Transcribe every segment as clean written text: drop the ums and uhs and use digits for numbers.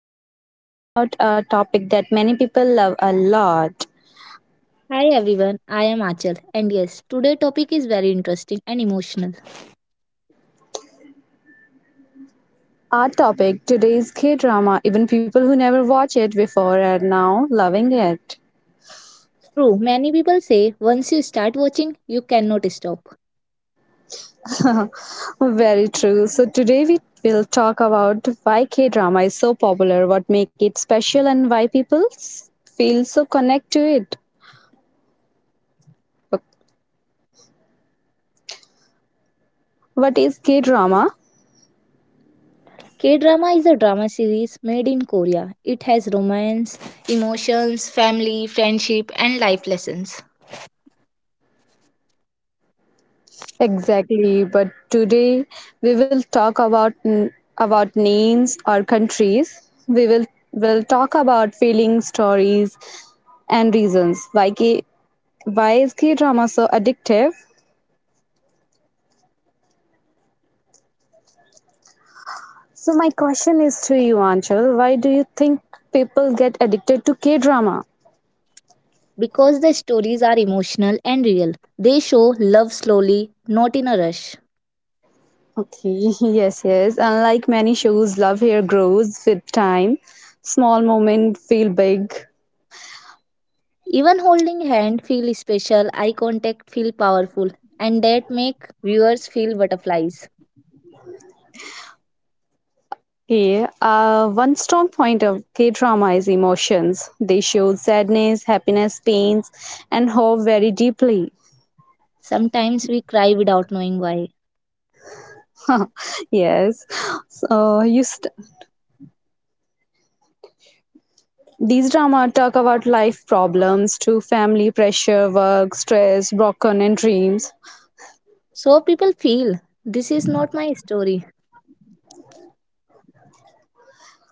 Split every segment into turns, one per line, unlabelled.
we are talking about a topic that many people love a lot.
Hi everyone, I am Achal, and yes, today topic is very interesting and emotional.
Our topic today is K-drama. Even people who never watch it before are now loving it.
True, many people say once you start watching, you cannot stop.
Very true. So today we will talk about why K-drama is so popular, what make it special and why people feel so connect to it. What is K-drama?
K drama is a drama series made in Korea. It has romance, emotions, family, friendship, and life lessons.
Exactly, but today we will talk about about names or countries. We will talk about feelings, stories, and reasons why why is K drama so addictive. So my question is to you, Anchal. Why do you think people get addicted to K drama?
Because the stories are emotional and real, they show love slowly, not in a rush.
Okay, yes, yes. Unlike many shows, love here grows with time. Small moments feel big.
Even holding hand feel special, eye contact feel powerful, and that make viewers feel butterflies.
Okay, one strong point of K drama is emotions. They show sadness, happiness, pains, and hope very deeply.
Sometimes we cry without knowing why.
yes, so. These drama talk about life problems, to family pressure, work, stress, broken and dreams.
So people feel this is not my story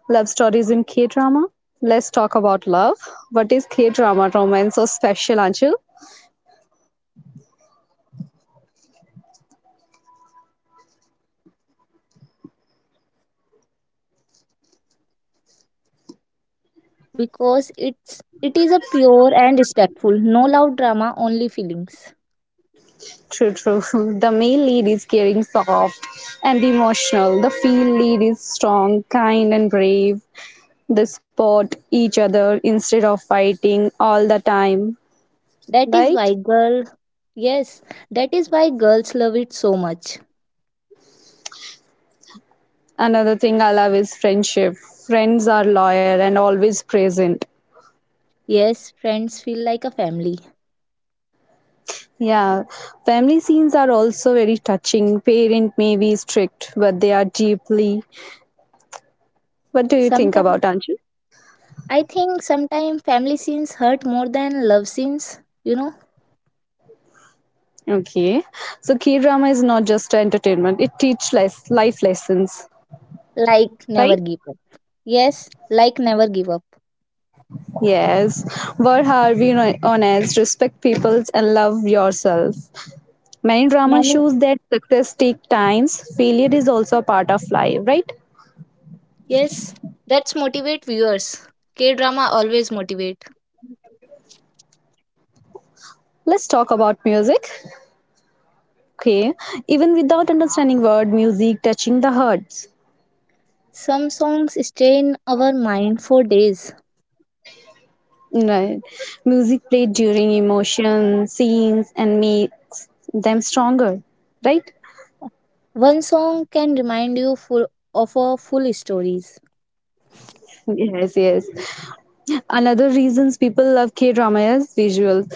Love stories in K drama. Let's talk about love. What is K drama romance so special, Anjul?
because it is a pure and respectful, no loud drama, only feelings.
True. The male lead is caring, soft, and emotional. The female lead is strong, kind, and brave. They support each other instead of fighting all the time,
That is
right?
why girl, yes, that is why girls love it so much.
Another thing I love is friendship. Friends are loyal and always present.
Yes, friends feel like a family.
Yeah, family scenes are also very touching. Parent may be strict, but they are deeply. What do you think
Sometimes
about Anju?
I think sometimes family scenes hurt more than love scenes,
Okay, so K drama is not just entertainment; it teaches life lessons
like
right?
never give up. Yes, like never give up.
Yes. Work hard, be honest, respect people, and love yourself. Many dramas
Many
shows that success takes times. Failure is also a part of life, right?
Yes, that's motivate viewers. K drama always motivate.
Let's talk about music. Okay. Even without understanding word, music touching the hearts.
Some songs stay in our mind for days.
Right. Music played during emotion, scenes, and makes them stronger, right?
One song can remind you full of A full stories.
Yes, yes. Another reasons people love K drama is visuals,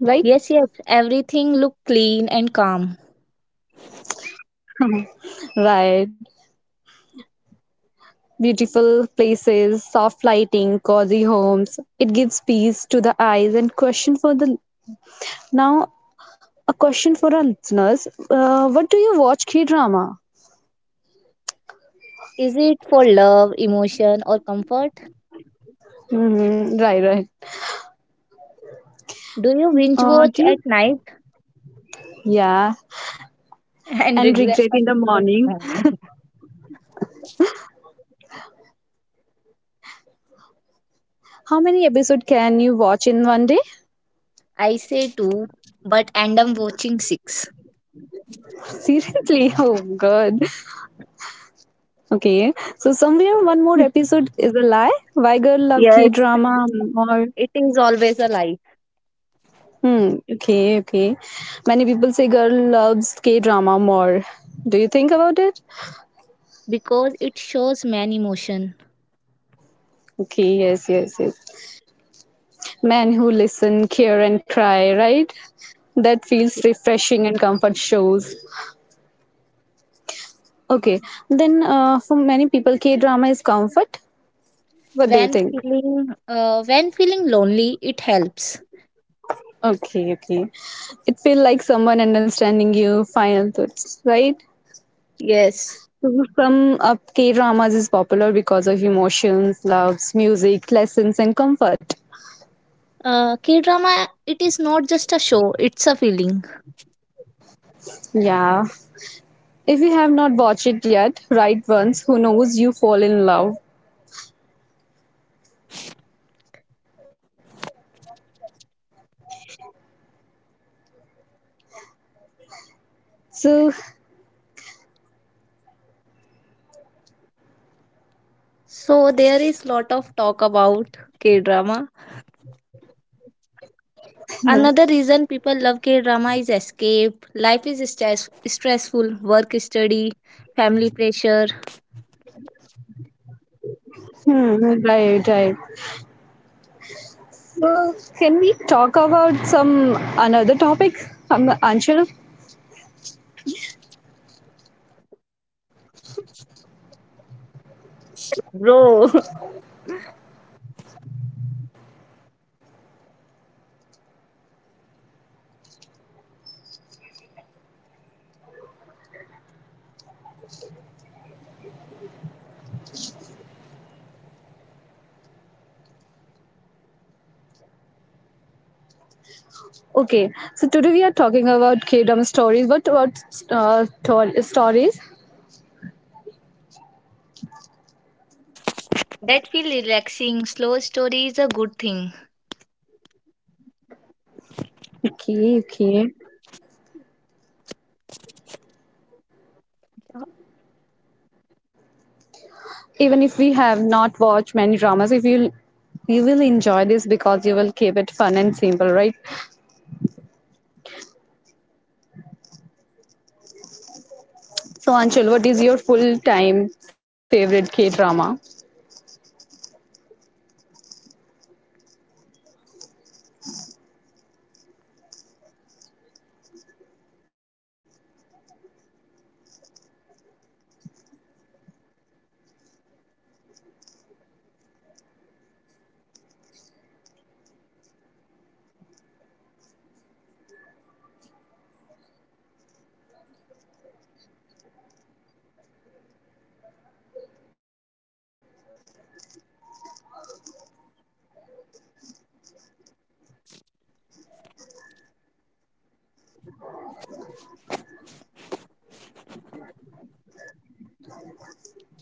right?
Yes, yes, everything look clean and calm.
Right. Beautiful places, soft lighting, cozy homes. It gives peace to the eyes and question for the now A question for our listeners. What do you watch K drama?
Is it for love, emotion or comfort?
Hmm, right, right.
Do you binge watch
Do
at
you?
night
Yeah,
and
and
regret?
regret
And
in the
regret in
morning.
memory?
How many episode can you watch in one day?
I say two, but end up watching six.
Seriously? Oh God. Okay. So somewhere one more episode is a lie. Why girl love K
Yes,
drama more?
it is always a lie
Hmm. Okay. Okay. Many people say girl loves K drama more. Do you think about it?
because it shows man emotion.
Okay. Yes. Yes. Yes. Men who listen, care, and cry. Right. That feels refreshing and comfort shows. Okay. Then, for many people, K drama is comfort. What do you
when
think?
when feeling lonely it helps.
Okay. Okay. It feels like someone understanding you. Final thoughts. Right.
Yes.
To sum up, K dramas is popular because of emotions, loves, music, lessons, and comfort.
K drama it is not just a show, it's a feeling.
Yeah. If you have not watched it yet, right once, who knows you fall in love. So,
So there is lot of talk about k drama.
hmm,
Another reason people love k drama is escape, life is stressful, work, study, family pressure.
right, right. So, can we talk about some another topic? I'm
Bro.
okay, so today we are talking about K-drama stories. What about stories?
That feel relaxing, slow story is a good thing.
Okay, okay. Even if we have not watched many dramas, if you will enjoy this because you will keep it fun and simple, right? So, Anchal, what is your full time favorite K drama?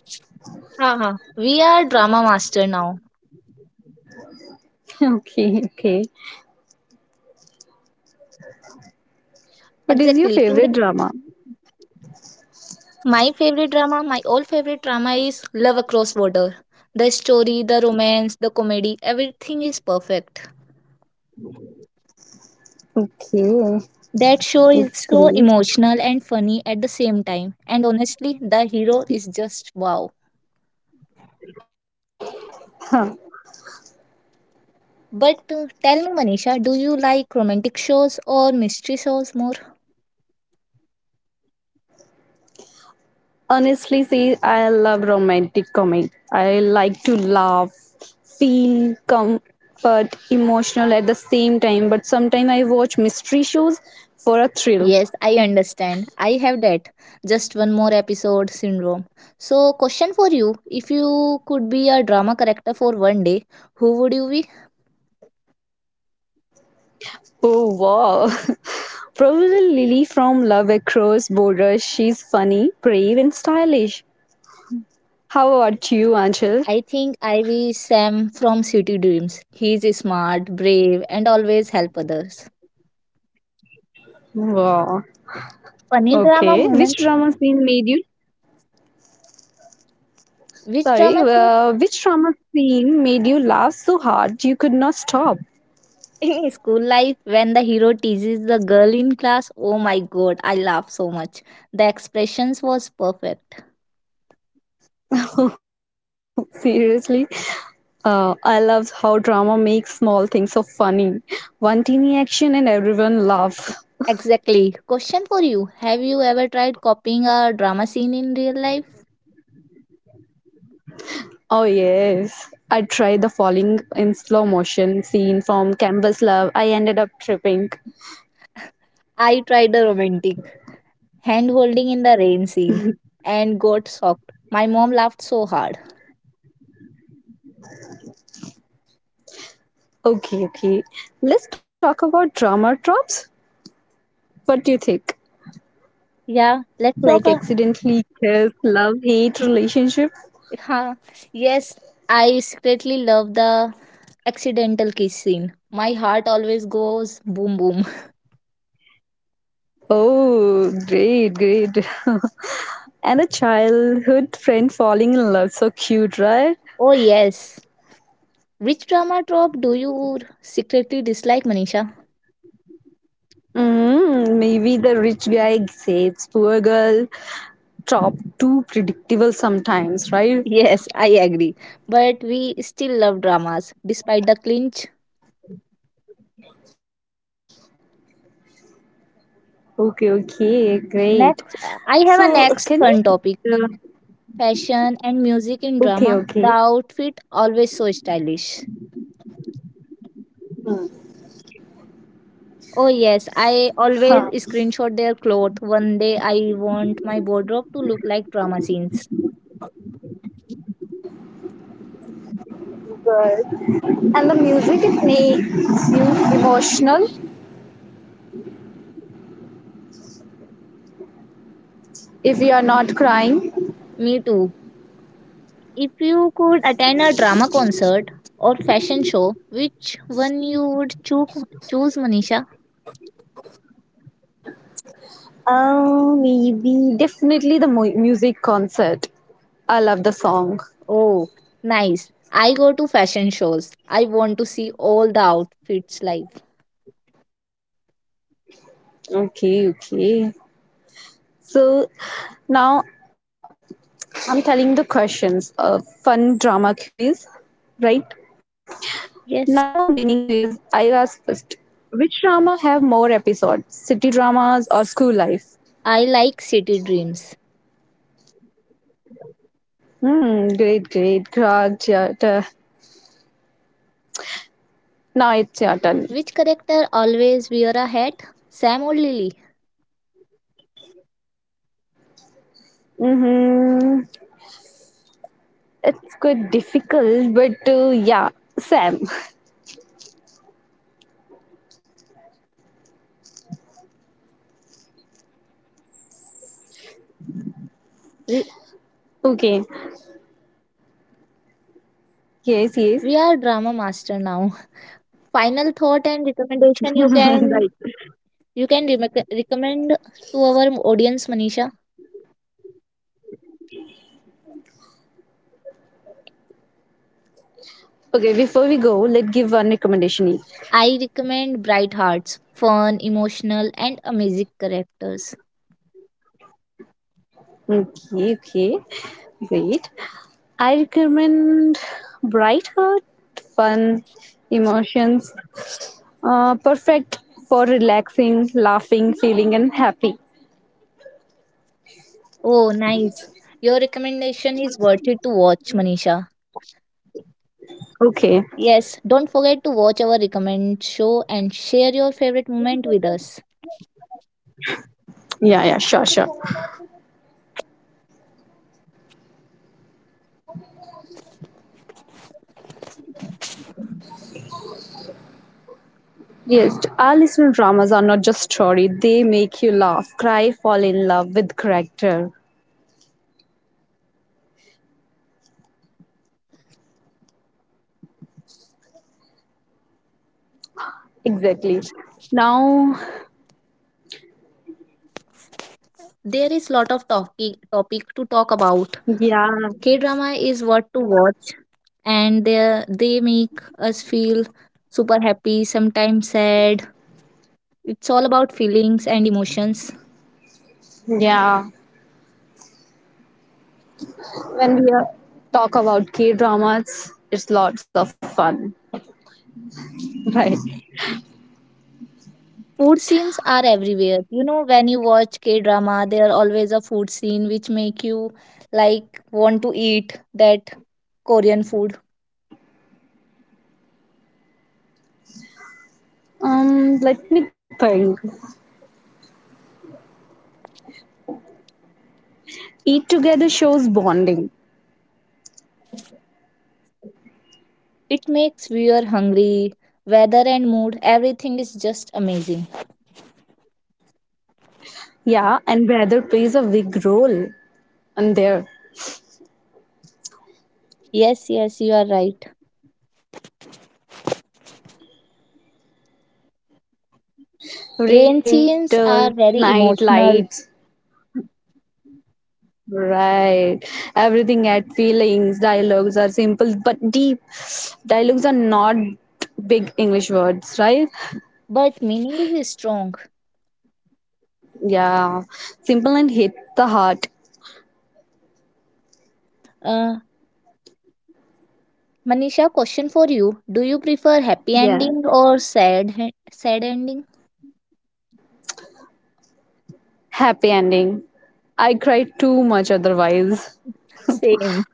Uh-huh. We are drama master now.
Okay, okay,
Exactly
what is
today.
your favorite drama?
My favorite drama, my all favorite drama is Love Across Water. The story, the romance, the comedy, everything is perfect.
Okay.
That show is so
It's great.
emotional and funny at the same time. And honestly, the hero is just wow.
Huh.
But tell me, Manisha, do you like romantic shows or mystery shows more?
Honestly, see, I love romantic comedy. I like to laugh, feel comfort, emotional at the same time. But sometimes I watch mystery shows for a thrill.
Yes, I understand. I have that just one more episode syndrome. So, question for you, if you could be a drama character for one day, who would you be?
Oh wow! Probably Lily from Love Across Borders. She's funny, brave, and stylish. How about you, Anchal?
I think Ivy Sam from City Dreams. He's smart, brave, and always help others.
Wow.
Funny drama
Okay. Which
moment?
drama scene made you?
Which
Sorry.
drama scene
Which drama scene made you laugh so hard you could not stop?
In school life when the hero teases the girl in class? Oh my god, I laugh so much. The expressions was perfect.
Seriously. I love how drama makes small things so funny. One teeny action and everyone laugh.
Exactly. Question for you. Have you ever tried copying a drama scene in real life?
Oh yes. I tried the falling in slow motion scene from Canvas Love. I ended up tripping.
I tried a romantic hand holding in the rain scene and got shocked. My mom laughed so hard.
Okay, okay. Let's talk about drama tropes. What do you think?
Yeah, let's
Like
talk.
accidentally kiss, love, hate relationship.
Huh. Yes, I secretly love the accidental kiss scene. My heart always goes boom boom.
Oh, great, great. and a childhood friend falling in love. So cute, right?
Oh yes. Which drama trope do you secretly dislike, Manisha?
Mm, maybe the rich guy says poor girl top too predictable sometimes, right?
Yes, I agree. But we still love dramas despite the clinch.
Okay, okay, great.
Next, I have a
So
next
can we?
fun topic.
Uh,
Fashion and music in
okay,
drama. The
okay.
outfit always so stylish. Oh yes, I always
Huh.
screenshot their clothes. One day I want my wardrobe to look like drama scenes.
Good. And the music it makes you emotional if you are not crying.
Me too. If you could attend a drama concert or fashion show, which one you would choose, Manisha?
Maybe definitely the music concert. I love the song.
Oh, nice. I go to fashion shows. I want to see all the outfits live.
Okay, okay. So now I'm telling the questions. A fun drama quiz, right? Now a
Yes,
mini quiz. I ask first. Which drama have more episodes? City dramas or school life?
I like City Dreams.
Hmm. Great, great. Grog, your turn. Now it's your turn.
Which character always wear a hat? Sam or Lily?
Mm-hmm. It's quite difficult, but yeah, Sam.
We,
Okay. Yes, yes.
we are drama master now. Final thought and recommendation, you can
right.
recommend to our audience, Manisha.
Okay, before we go, let's give one recommendation each.
I recommend Bright Hearts, fun, emotional and amazing characters.
Okay, okay. Great. I recommend Bright Heart, fun, emotions, perfect for relaxing, laughing, feeling, and happy.
Oh nice, your recommendation is worth it to watch, Manisha.
Okay.
Yes, don't forget to watch our recommend show and share your favorite moment with us.
Yeah, yeah, sure, sure. Yes, our listener dramas are not just story. They make you laugh, cry, fall in love with character. Exactly. Now,
There is lot of topic to talk about. K drama is
yeah,
what to watch, and they make us feel super happy, sometimes sad. It's all about feelings and emotions.
yeah. When we talk about K dramas, it's lots of fun, right?
Food scenes are everywhere. You know, when you watch K drama, there are always a food scene which make you like want to eat that Korean food.
Let me think. Eat together shows bonding.
It makes viewer hungry. Weather and mood, everything is just amazing.
Yeah, and weather plays a big role in there.
Yes, yes, you are right.
Rain,
Rain
winter,
scenes are
night
very
lights.
emotional,
Right. Everything had feelings. Dialogues are simple but deep. Dialogues are not big English words, right?
but meaning is strong.
Yeah. Simple and hit the heart.
Uh, Manisha, question for you. Do you prefer happy
Yeah.
ending or sad ending?
Happy ending. I cried too much otherwise.
Same.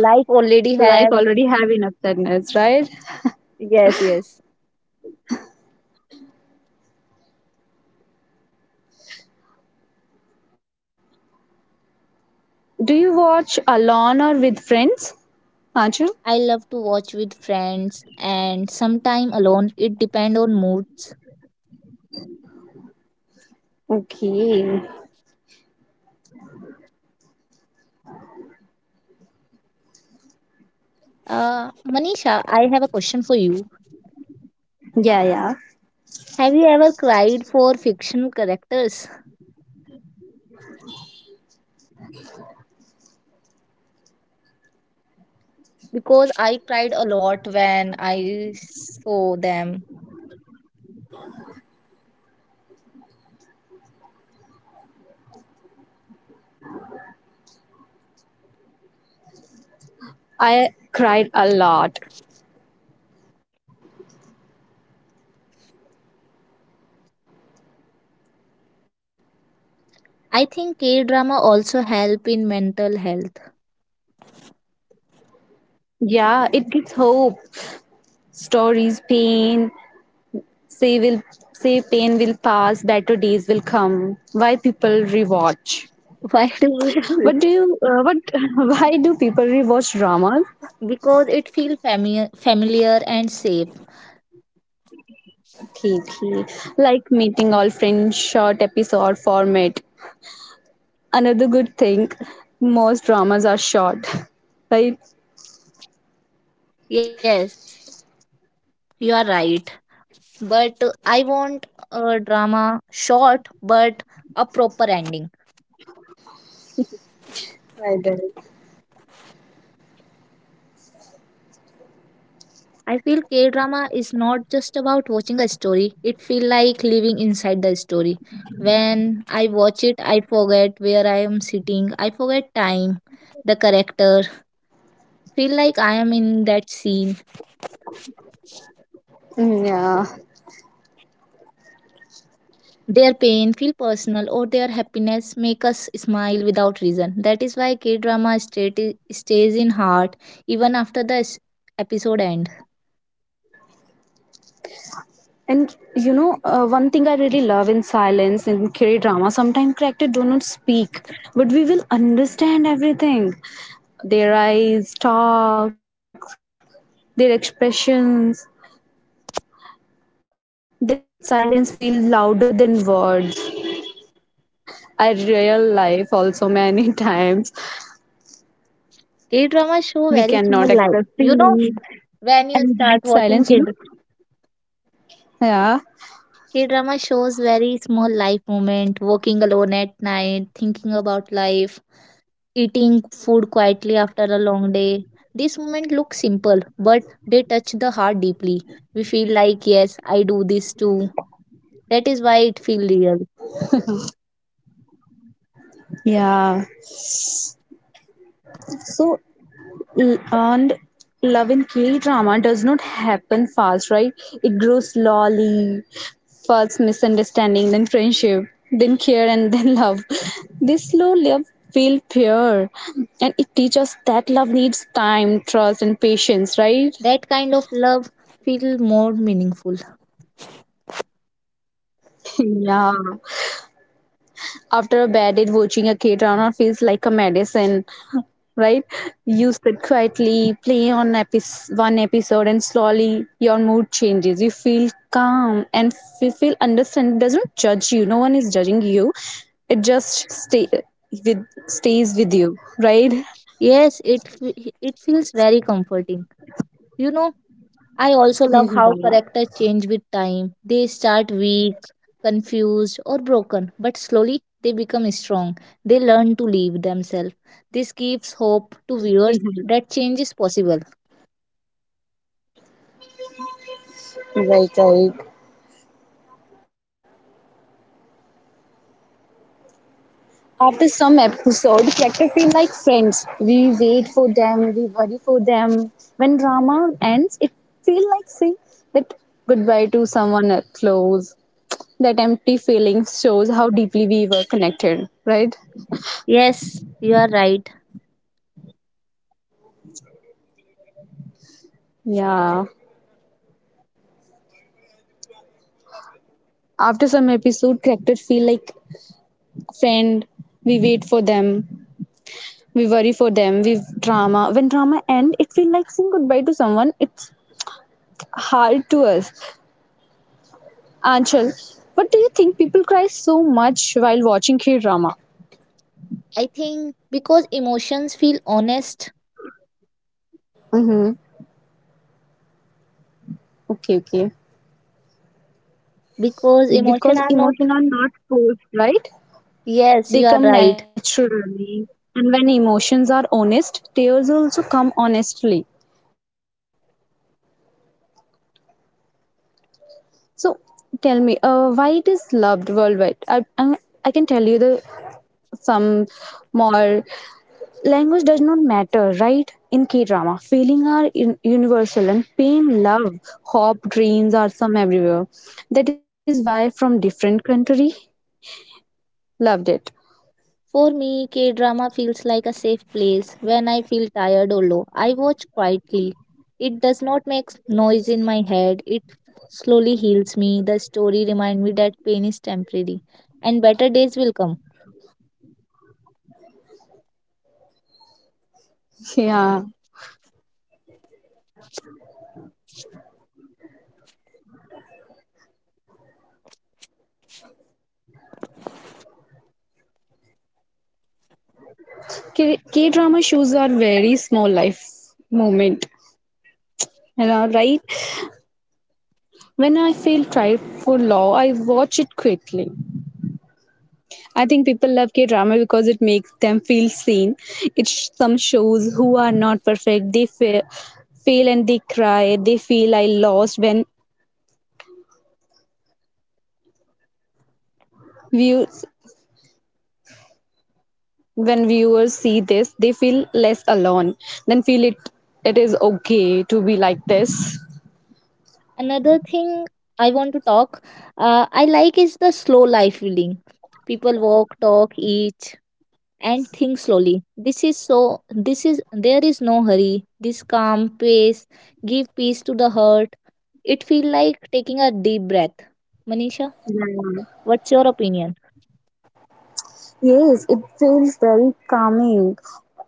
Life already
Life
has.
already have enough sadness, right?
Yes, yes.
Do you watch alone or with friends? Anju?
I love to watch with friends and sometime alone. It depend on moods.
Okay.
Uh, Manisha, I have a question for you.
Yeah, yeah.
Have you ever cried for fictional characters? Because I cried a lot when I saw them.
I cried a lot.
I think K drama also help in mental health.
Yeah, it gives hope. Stories, pain, say will say pain will pass, better days will come. Why people rewatch?
Why do you
What do you? What? Why do people rewatch dramas?
because it feels familiar, familiar and safe.
Okay, like meeting all friends, short episode format. Another good thing, most dramas are short, right?
Yes, you are right. But I want a drama short but a proper ending. I feel K drama is not just about watching a story, it feels like living inside the story. When I watch it, I forget where I am sitting, I forget time, the character, feel like I am in that scene.
Yeah.
Their pain feel personal or their happiness make us smile without reason. That is why K-drama stays in heart even after the episode end.
And you know, one thing I really love in silence in Kiri drama, sometimes characters do not speak, but we will understand everything. Their eyes, talks, their expressions. That silence feels louder than words. I real life also many times
K-drama show very
we
small
cannot
life.
express
You know,
feelings
when you
and
start watching
that silence you know yeah
K-drama shows very small life moment, walking alone at night, thinking about life, eating food quietly after a long day. This moment looks simple, but they touch the heart deeply. We feel like, yes, I do this too. That is why it feels real.
yeah so and love in k drama does not happen fast right it grows slowly first misunderstanding then friendship then care and then love this slow love feel pure and it teaches us that love needs time trust and patience right
That kind of love feels more meaningful.
yeah after a bad day watching a k drama feels like a medicine right? You sit quietly, play on epis one episode, and slowly your mood changes. You feel calm and you feel understand. It doesn't. Judge you. No one is judging you. It just stays with you, right?
Yes, it feels very comforting. You know, I also love how characters change with time. They start weak, confused, or broken, but slowly they become strong. They learn to live themselves. This gives hope to viewers
Yeah.
that change is possible.
Right, right. After some episode, characters feel like friends. We wait for them, we worry for them. When drama ends, it feels like saying that goodbye to someone else close. That empty feeling shows how deeply we were connected, right?
Yes, you are right.
Yeah. After some episode, characters feel like friend. We wait for them. We worry for them. We drama. When drama end, it feels like saying goodbye to someone. It's hard to us. Anchal, what do you think people cry so much while watching K drama?
I think because emotions feel honest,
Mm-hmm. Okay, okay.
because emotions are
Because
not.
emotions are not forced, right?
Yes, you are
They
right.
come naturally. And when emotions are honest, tears also come honestly. So tell me, why it is loved worldwide? I can tell you the some more language does not matter, right? In K drama, feeling are universal and pain, love, hope, dreams are some everywhere. That is why from different country, loved it.
For me, K drama feels like a safe place. When I feel tired or low, I watch quietly. It does not make noise in my head. It slowly heals me. The story reminds me that pain is temporary and better days will come.
Yeah, K drama shows are very small life moment. You know, right? When I feel tried for law, I watch it quickly. I think people love K drama because it makes them feel seen. It some shows who are not perfect, they fail and they cry. They feel I lost when views when viewers see this, they feel less alone. Then feel it is okay to be like this.
Another thing I want to talk I like is the slow life feeling. People walk, talk, eat and think slowly. This is so this is There is no hurry. This calm pace give peace to the heart. It feels like taking a deep breath. Manisha, what's your opinion?
Yes, it feels very calming.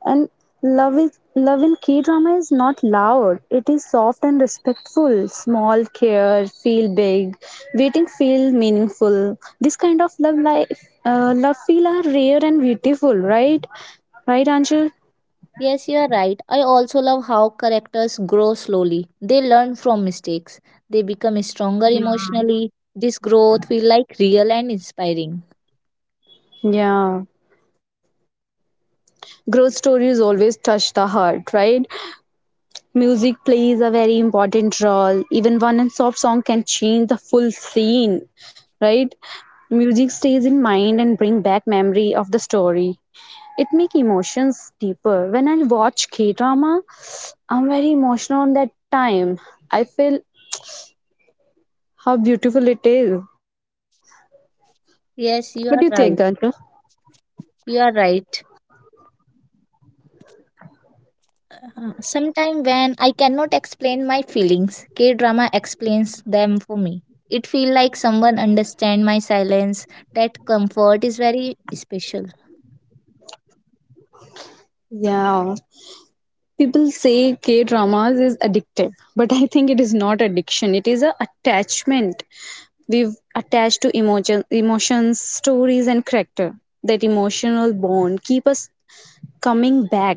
And love in K drama is not loud. It is soft and respectful. Small care feel big. Waiting feel meaningful. This kind of love feel are rare and beautiful, right? Right, Anjul?
Yes, you are right. I also love how characters grow slowly. They learn from mistakes. They become stronger emotionally. This growth feels like real and inspiring.
Yeah. Growth stories always touch the heart, right? Music plays a very important role. Even one and soft song can change the full scene, right? Music stays in mind and bring back memory of the story. It make emotions deeper. When I watch K drama, I'm very emotional on that time. I feel how beautiful it is. What do you
Yes, you
think,
are
Ganja?
right. You are right. Sometimes when I cannot explain my feelings, K drama explains them for me. It feels like someone understands my silence. That comfort is very special.
Yeah. People say K dramas is addictive, but I think it is not addiction. It is a attachment. We've attached to emotions, stories, and character. That emotional bond keep us coming back,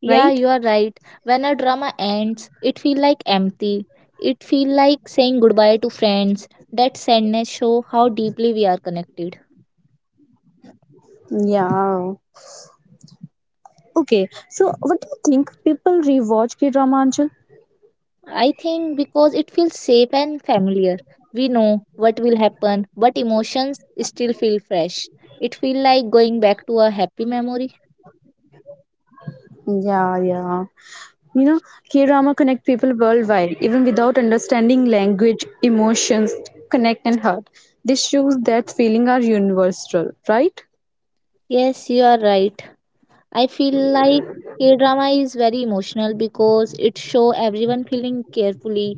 Yeah,
right?
you are right. When a drama ends, it feels like empty. It feels like saying goodbye to friends. That sadness show how deeply we are connected.
Yeah. Okay, so what do you think people rewatch K drama, Anshul?
I think because it feels safe and familiar. We know what will happen, but emotions still feel fresh. It feels like going back to a happy memory.
Yeah, yeah. You know, K drama connect people worldwide, even without understanding language, emotions, connect and hurt. This shows that feeling are universal, right?
Yes, you are right. I feel like K drama is very emotional because it show everyone feeling carefully.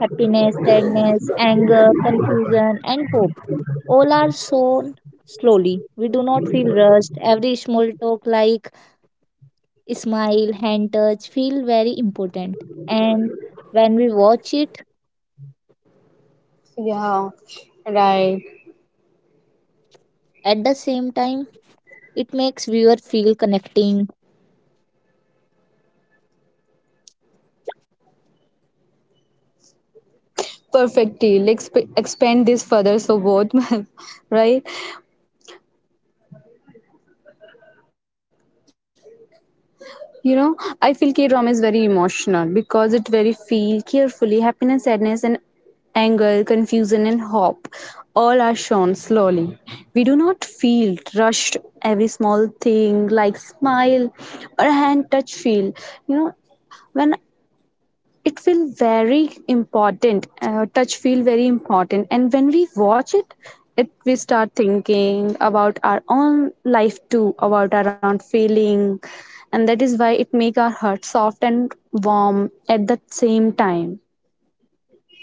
Happiness, sadness, anger, confusion, and hope all are sown slowly. We do not feel rushed. Every small talk, like smile, hand touch, feel very important. And when we watch it
Yeah. Right.
at the same time, it makes viewer feel connecting.
perfect deal expand this further so both right you know I feel k-drama is very emotional because it very feel carefully happiness sadness and anger confusion and hope all are shown slowly we do not feel rushed every small thing like smile or hand touch feel you know when it feel very important touch feel very important and when we watch it it we start thinking about our own life too about our own feeling and that is why it make our heart soft and warm at the same time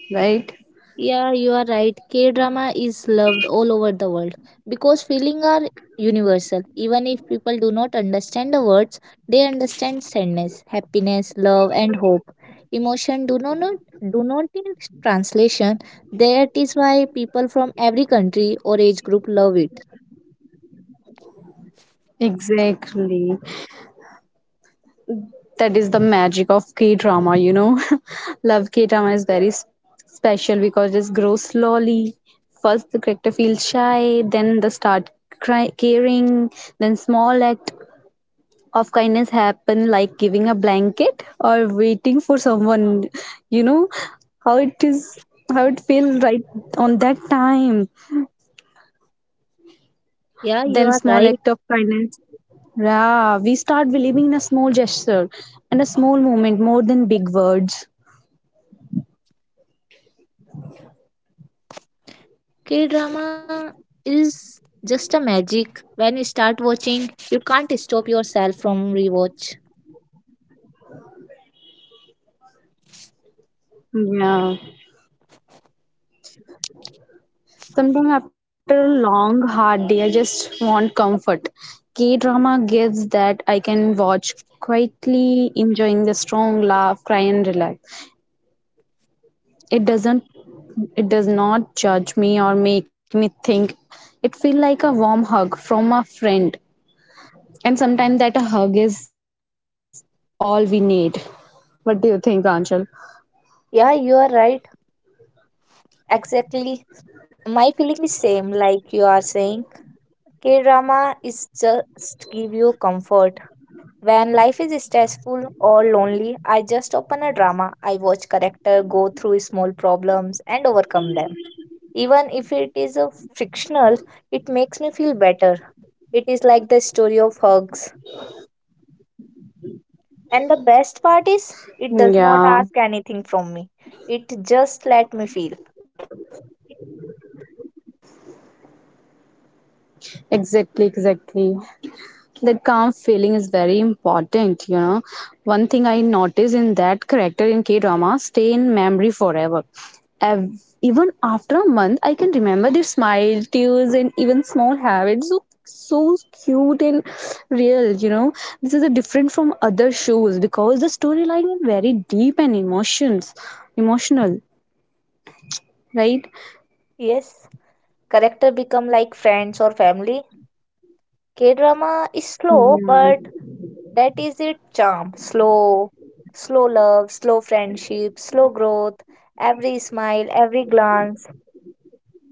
right
Yeah, you are right. K drama is loved all over the world because feelings are universal. Even if people do not understand the words, they understand sadness, happiness, love, and hope. Emotion do not need translation. That is why people from every country or age group love it.
exactly that is the magic of K drama, you know. Love K drama is very special because it grows slowly. First, the character feels shy, then they start caring, then small act of kindness happen, like giving a blanket or waiting for someone. You know how it is, how it feels right on that time.
Yeah, you
Then
are
small
right.
act of kindness. Yeah, we start believing in a small gesture and a small moment more than big words.
K drama is just a magic. When you start watching, you can't stop yourself from rewatch.
Yeah. Sometimes after a long, hard day, I just want comfort. K drama gives that I can watch quietly, enjoying the strong laugh, cry, and relax. It doesn't. It does not judge me or make me think. It feels like a warm hug from a friend, and sometimes that a hug is all we need. What do you think, Anshul?
Yeah, you are right. Exactly. My feeling is same like you are saying. K-drama is just give you comfort. When life is stressful or lonely, I just open a drama. I watch character go through small problems and overcome them. Even if it is a fictional, it makes me feel better. It is like the story of hugs. And the best part is it does not
Yeah,
ask anything from me. It just let me feel.
exactly, exactly. that calm feeling is very important you know one thing I notice in that character in k drama stay in memory forever Ev- even after a month I can remember their smile tears and even small habits so so cute and real you know this is a different from other shows because the storyline is very deep and emotions emotional right
Yes. Character become like friends or family. K drama is
yeah.
slow, but that is its charm. Slow, slow love, slow friendship, slow growth. Every smile, every glance,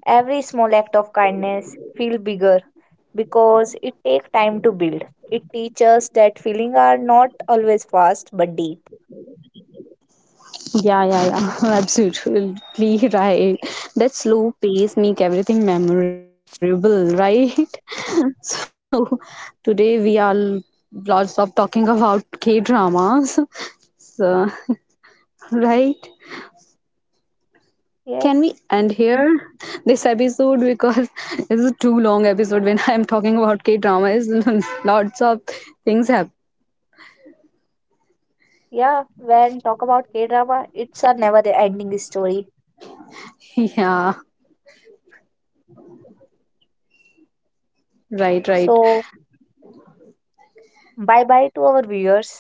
every small act of kindness feel bigger because it takes time to build. It teaches that feelings are not always fast but deep.
Yeah, yeah, yeah. Absolutely right. That slow pace make everything memorable, right? So today we are lots of talking about K dramas. So right.
Yes.
Can we end here this episode because it's a too long episode when I'm talking about K dramas. lots of things happen.
Yeah. When talk about K drama, it's a never ending story.
Yeah. Right,
So
right.
bye bye to our viewers.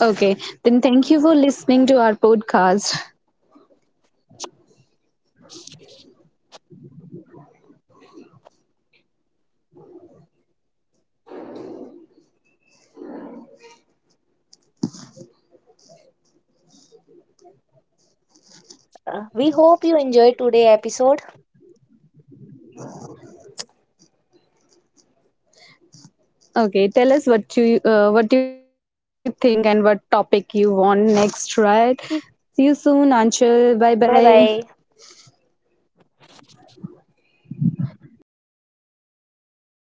Okay. Then thank you for listening to our podcast.
We hope you enjoyed today episode.
Okay, tell us what you what you think and what topic you want next, right? See you soon, Anshul. Bye bye.
Bye bye.